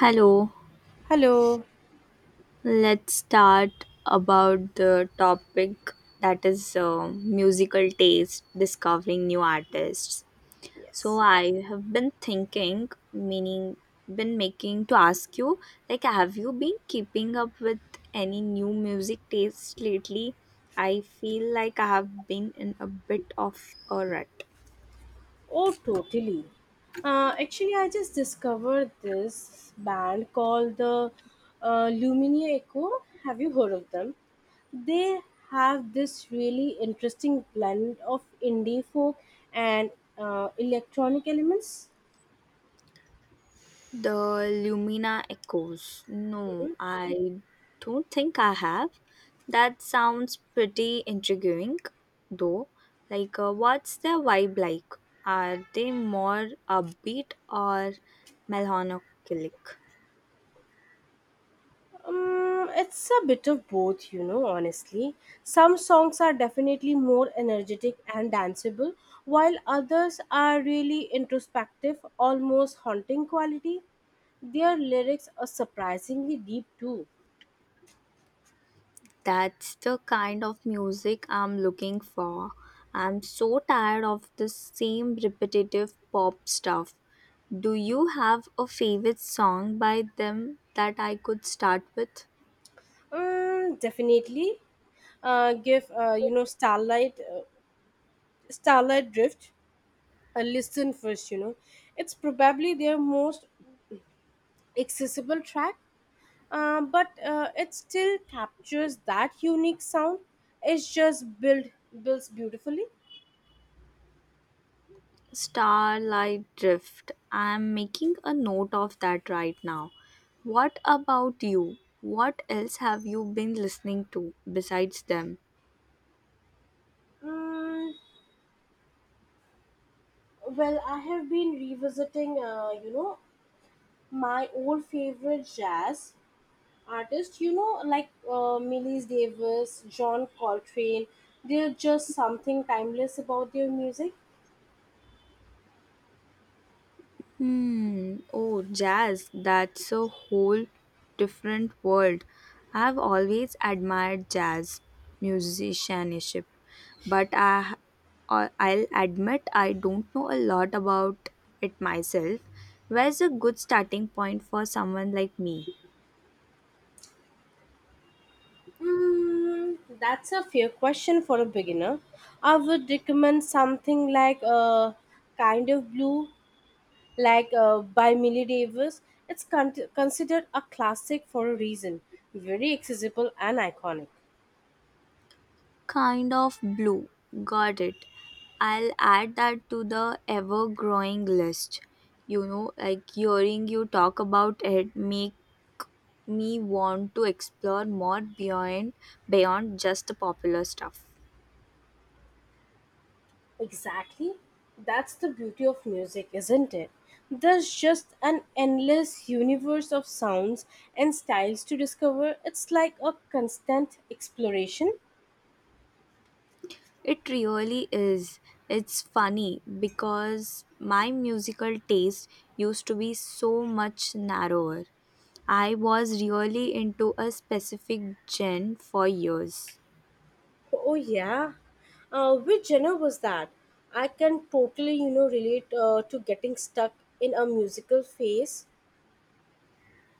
Hello, Hello. let's start about the topic that is musical taste, discovering new artists. So Yes. I have been thinking, meaning been making to ask you, like, have you been keeping up with any new music taste lately? I feel like I have been in a bit of a rut. Oh, totally. Actually, I just discovered this band called the Lumineer Echo. Have you heard of them? They have this really interesting blend of indie folk and electronic elements. The Lumina Echoes. No, I don't think I have. That sounds pretty intriguing, though. Like, what's their vibe like? Are they more upbeat or melancholic? It's a bit of both, you know, honestly. Some songs are definitely more energetic and danceable, while others are really introspective, almost haunting quality. Their lyrics are surprisingly deep too. That's the kind of music I'm looking for. I'm so tired of the same repetitive pop stuff. Do you have a favorite song by them that I could start with? Definitely. Give You know starlight drift. A listen first, you know. It's probably their most accessible track. But it still captures that unique sound. It's just built builds beautifully. Starlight Drift. I am making a note of that right now. What about you? What else have you been listening to besides them? Mm, well, I have been revisiting, you know, my old favorite jazz artists. You know, like Miles Davis, John Coltrane. There's just something timeless about their music. Hmm. Oh, jazz. That's a whole different world. I have always admired jazz musicianship, but I'll admit I don't know a lot about it myself. Where's a good starting point for someone like me? Mm, that's a fair question for a beginner. I would recommend something like Kind of Blue like by Millie Davis. It's considered a classic for a reason, very accessible and iconic. Kind of blue. Got it. I'll add that to the ever growing list. You know, like hearing you talk about it make me want to explore more beyond just the popular stuff. Exactly. That's the beauty of music, isn't it? There's just an endless universe of sounds and styles to discover. It's like a constant exploration. It really is. It's funny because my musical taste used to be so much narrower. I was really into a specific genre for years. Oh, yeah. Which genre was that? I can totally, you know, relate to getting stuck in a musical phase.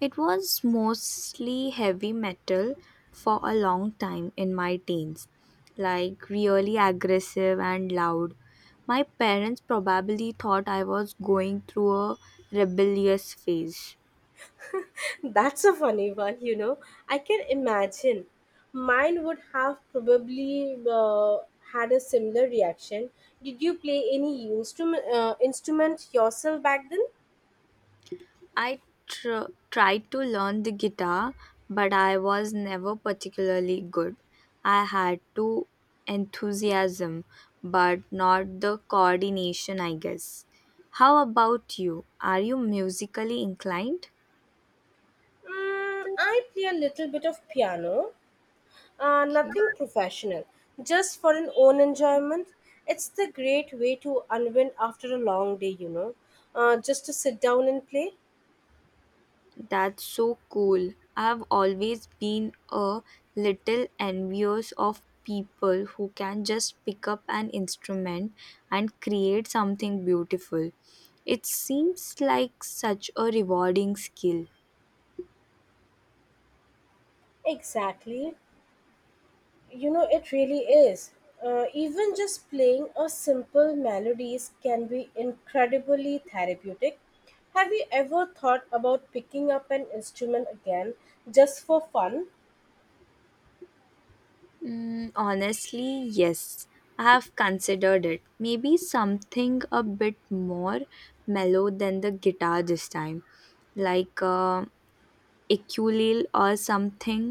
It was mostly heavy metal for a long time in my teens, like really aggressive and loud. My parents probably thought I was going through a rebellious phase. That's a funny one, you know. I can imagine. Mine would have probably had a similar reaction. Did you play any instrument yourself back then? I tried to learn the guitar, but I was never particularly good. I had to enthusiasm, but not the coordination, I guess. How about you? Are you musically inclined? I play a little bit of piano, Okay, nothing professional, just for an own enjoyment. It's the great way to unwind after a long day, you know, just to sit down and play. that's so cool. I've always been a little envious of people who can just pick up an instrument and create something beautiful. It seems like such a rewarding skill. Exactly. You know, it really is. Even just playing a simple melodies can be incredibly therapeutic. Have you ever thought about picking up an instrument again just for fun? Honestly, yes, I have considered it. Maybe something a bit more mellow than the guitar this time, like a ukulele or something.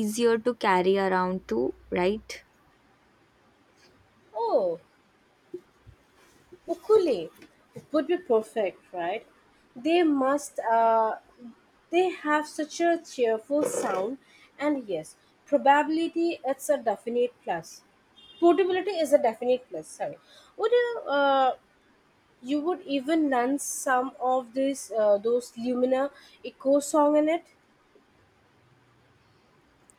Easier to carry around too, right? Oh, ukulele would be perfect, right? They must. They have such a cheerful sound, and yes, probability it's a definite plus portability is a definite plus sorry would you You would even nun some of this those Lumina Echo song in it.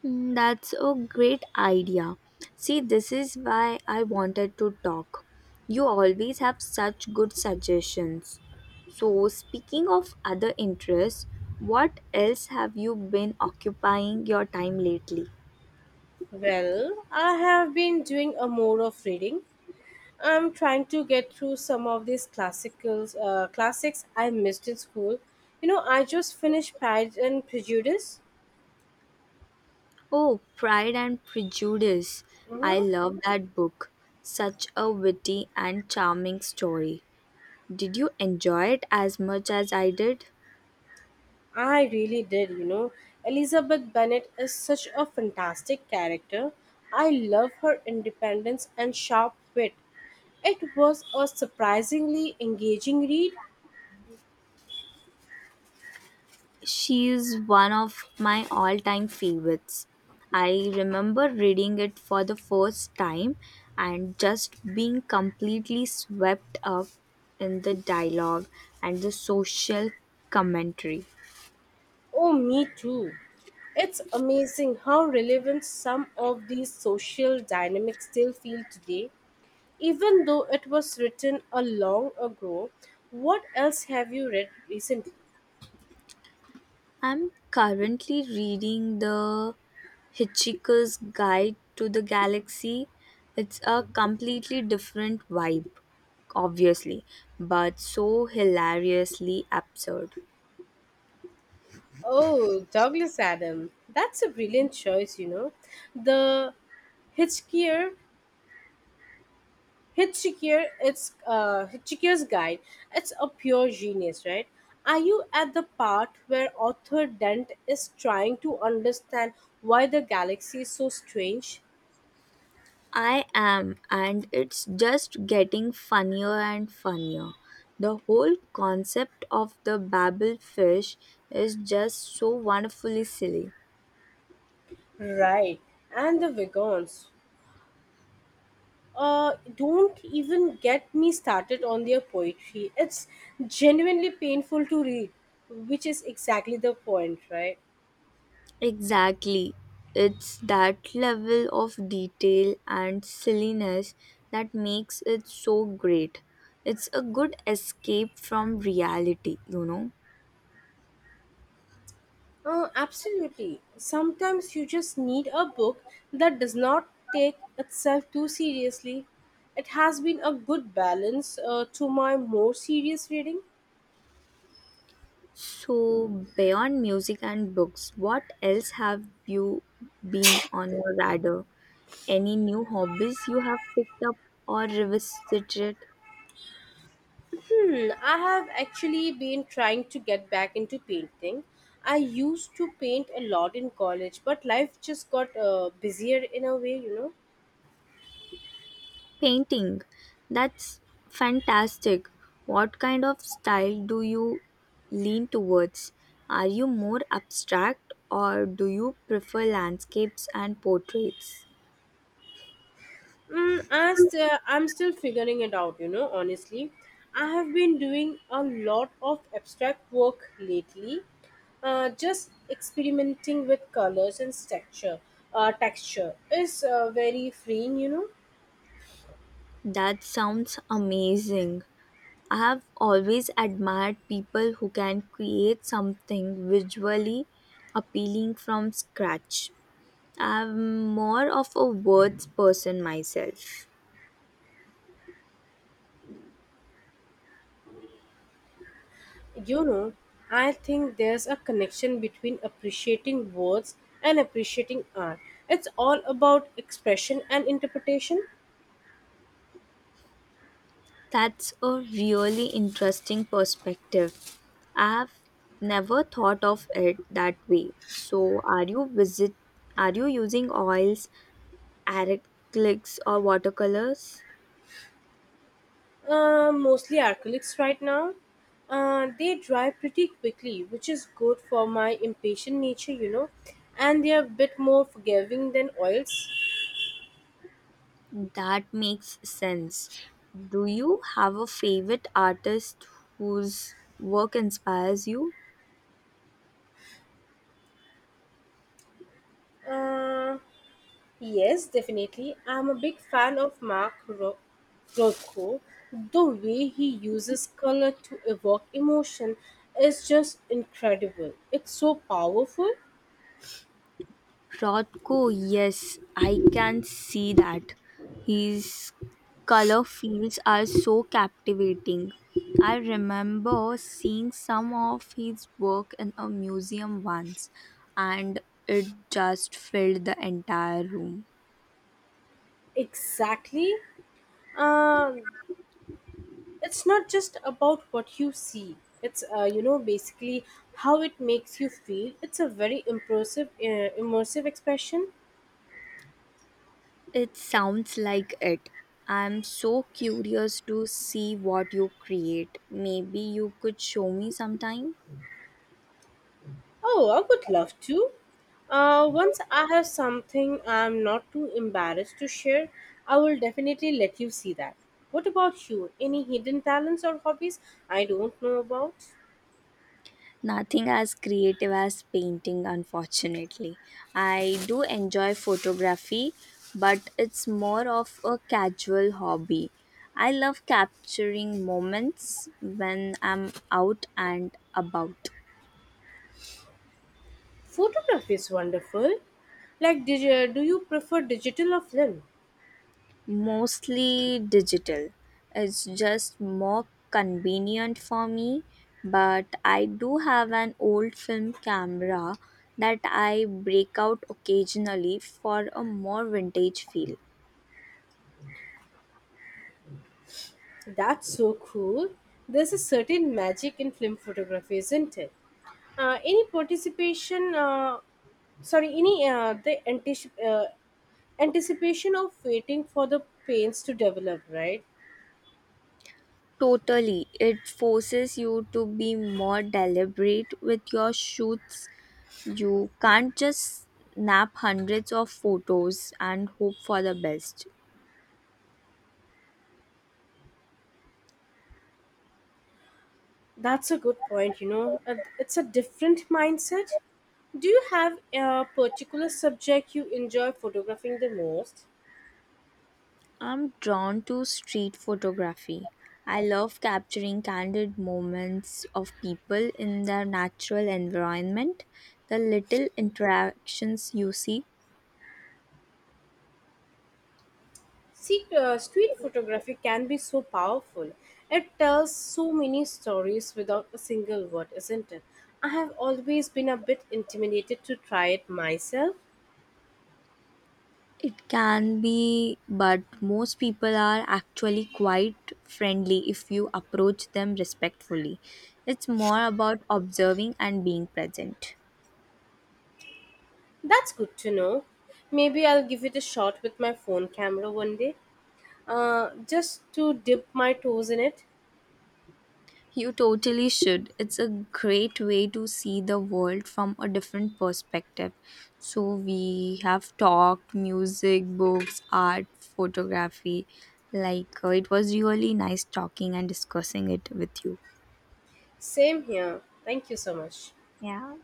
That's a great idea. See, this is why I wanted to talk. You always have such good suggestions. So, speaking of other interests, what else have you been occupying your time lately? Well, I have been doing a more of reading. I'm trying to get through some of these classicals classics I missed in school. You know, I just finished Pride and Prejudice. Oh, Pride and Prejudice. I Hmm. love that book. Such a witty and charming story. Did you enjoy it as much as I did? I really did. You know, Elizabeth Bennet is such a fantastic character. I love her independence and sharp wit. It was a surprisingly engaging read. She is one of my all time favorites. I remember reading it for the first time and just being completely swept up in the dialogue and the social commentary. Oh, me too. It's amazing how relevant some of these social dynamics still feel today. Even though it was written a long ago, what else have you read recently? I'm currently reading the Hitchhiker's Guide to the Galaxy. It's a completely different vibe, obviously, but so hilariously absurd. Oh, Douglas Adam. That's a brilliant choice, you know. The Hitchhiker Hitchhiker's Guide. It's a pure genius, right? Are you at the part where Arthur Dent is trying to understand why the galaxy is so strange? I am, and it's just getting funnier and funnier. The whole concept of the Babel fish is just so wonderfully silly. Right, and the Vegans. Don't even get me started on their poetry. It's genuinely painful to read, which is exactly the point, right? Exactly. It's that level of detail and silliness that makes it so great. It's a good escape from reality, you know. Oh, absolutely. Sometimes you just need a book that does not take itself too seriously. It has been a good balance to my more serious reading. So, beyond music and books, what else have you been on your radar? Any new hobbies you have picked up or revisited? Hmm, I have actually been trying to get back into painting. I used to paint a lot in college, but life just got busier in a way, you know. Painting. That's fantastic. What kind of style do you lean towards? Are you more abstract or do you prefer landscapes and portraits? I'm still figuring it out, you know, honestly. I have been doing a lot of abstract work lately, just experimenting with colors and texture. Texture is very freeing, you know. That sounds amazing. I have always admired people who can create something visually appealing from scratch. I'm more of a words person myself. You know, I think there's a connection between appreciating words and appreciating art. It's all about expression and interpretation. That's a really interesting perspective. I've never thought of it that way. So, are you using oils, acrylics or watercolors? Mostly acrylics right now. They dry pretty quickly, which is good for my impatient nature, you know. And they are a bit more forgiving than oils. That makes sense. Do you have a favorite artist whose work inspires you? Uh, yes, definitely. I'm a big fan of Rothko. The way he uses color to evoke emotion is just incredible. It's so powerful. Rothko, yes, I can see that. His color fields are so captivating. I remember seeing some of his work in a museum once, and it just filled the entire room. Exactly. Uh, it's not just about what you see, it's you know basically how it makes you feel. It's a very impressive immersive expression. It sounds like it. I'm so curious to see what you create. Maybe you could show me sometime. Oh, I would love to. Once I have something I'm not too embarrassed to share, I will definitely let you see that. What about you? Any hidden talents or hobbies I don't know about? Nothing as creative as painting, unfortunately. I do enjoy photography, but it's more of a casual hobby. I love capturing moments when I'm out and about, Photography is wonderful. Like do you prefer digital or film? mostly digital. It's just more convenient for me, but I do have an old film camera that I break out occasionally for a more vintage feel. That's so cool. There's a certain magic in film photography, isn't it? Any participation, sorry, any the anticip- anticipation of waiting for the paints to develop, right? Totally. It forces you to be more deliberate with your shoots. You can't just snap hundreds of photos and hope for the best. That's a good point, you know. It's a different mindset. Do you have a particular subject you enjoy photographing the most? I'm drawn to street photography. I love capturing candid moments of people in their natural environment, the little interactions you see. Street photography can be so powerful. It tells so many stories without a single word, isn't it? I have always been a bit intimidated to try it myself. It can be, but most people are actually quite friendly if you approach them respectfully. It's more about observing and being present. That's good to know. Maybe I'll give it a shot with my phone camera one day, just to dip my toes in it. You totally should. It's a great way to see the world from a different perspective. So, we have talked music, books, art, photography. Like, it was really nice talking and discussing it with you. Same here. Thank you so much. Yeah.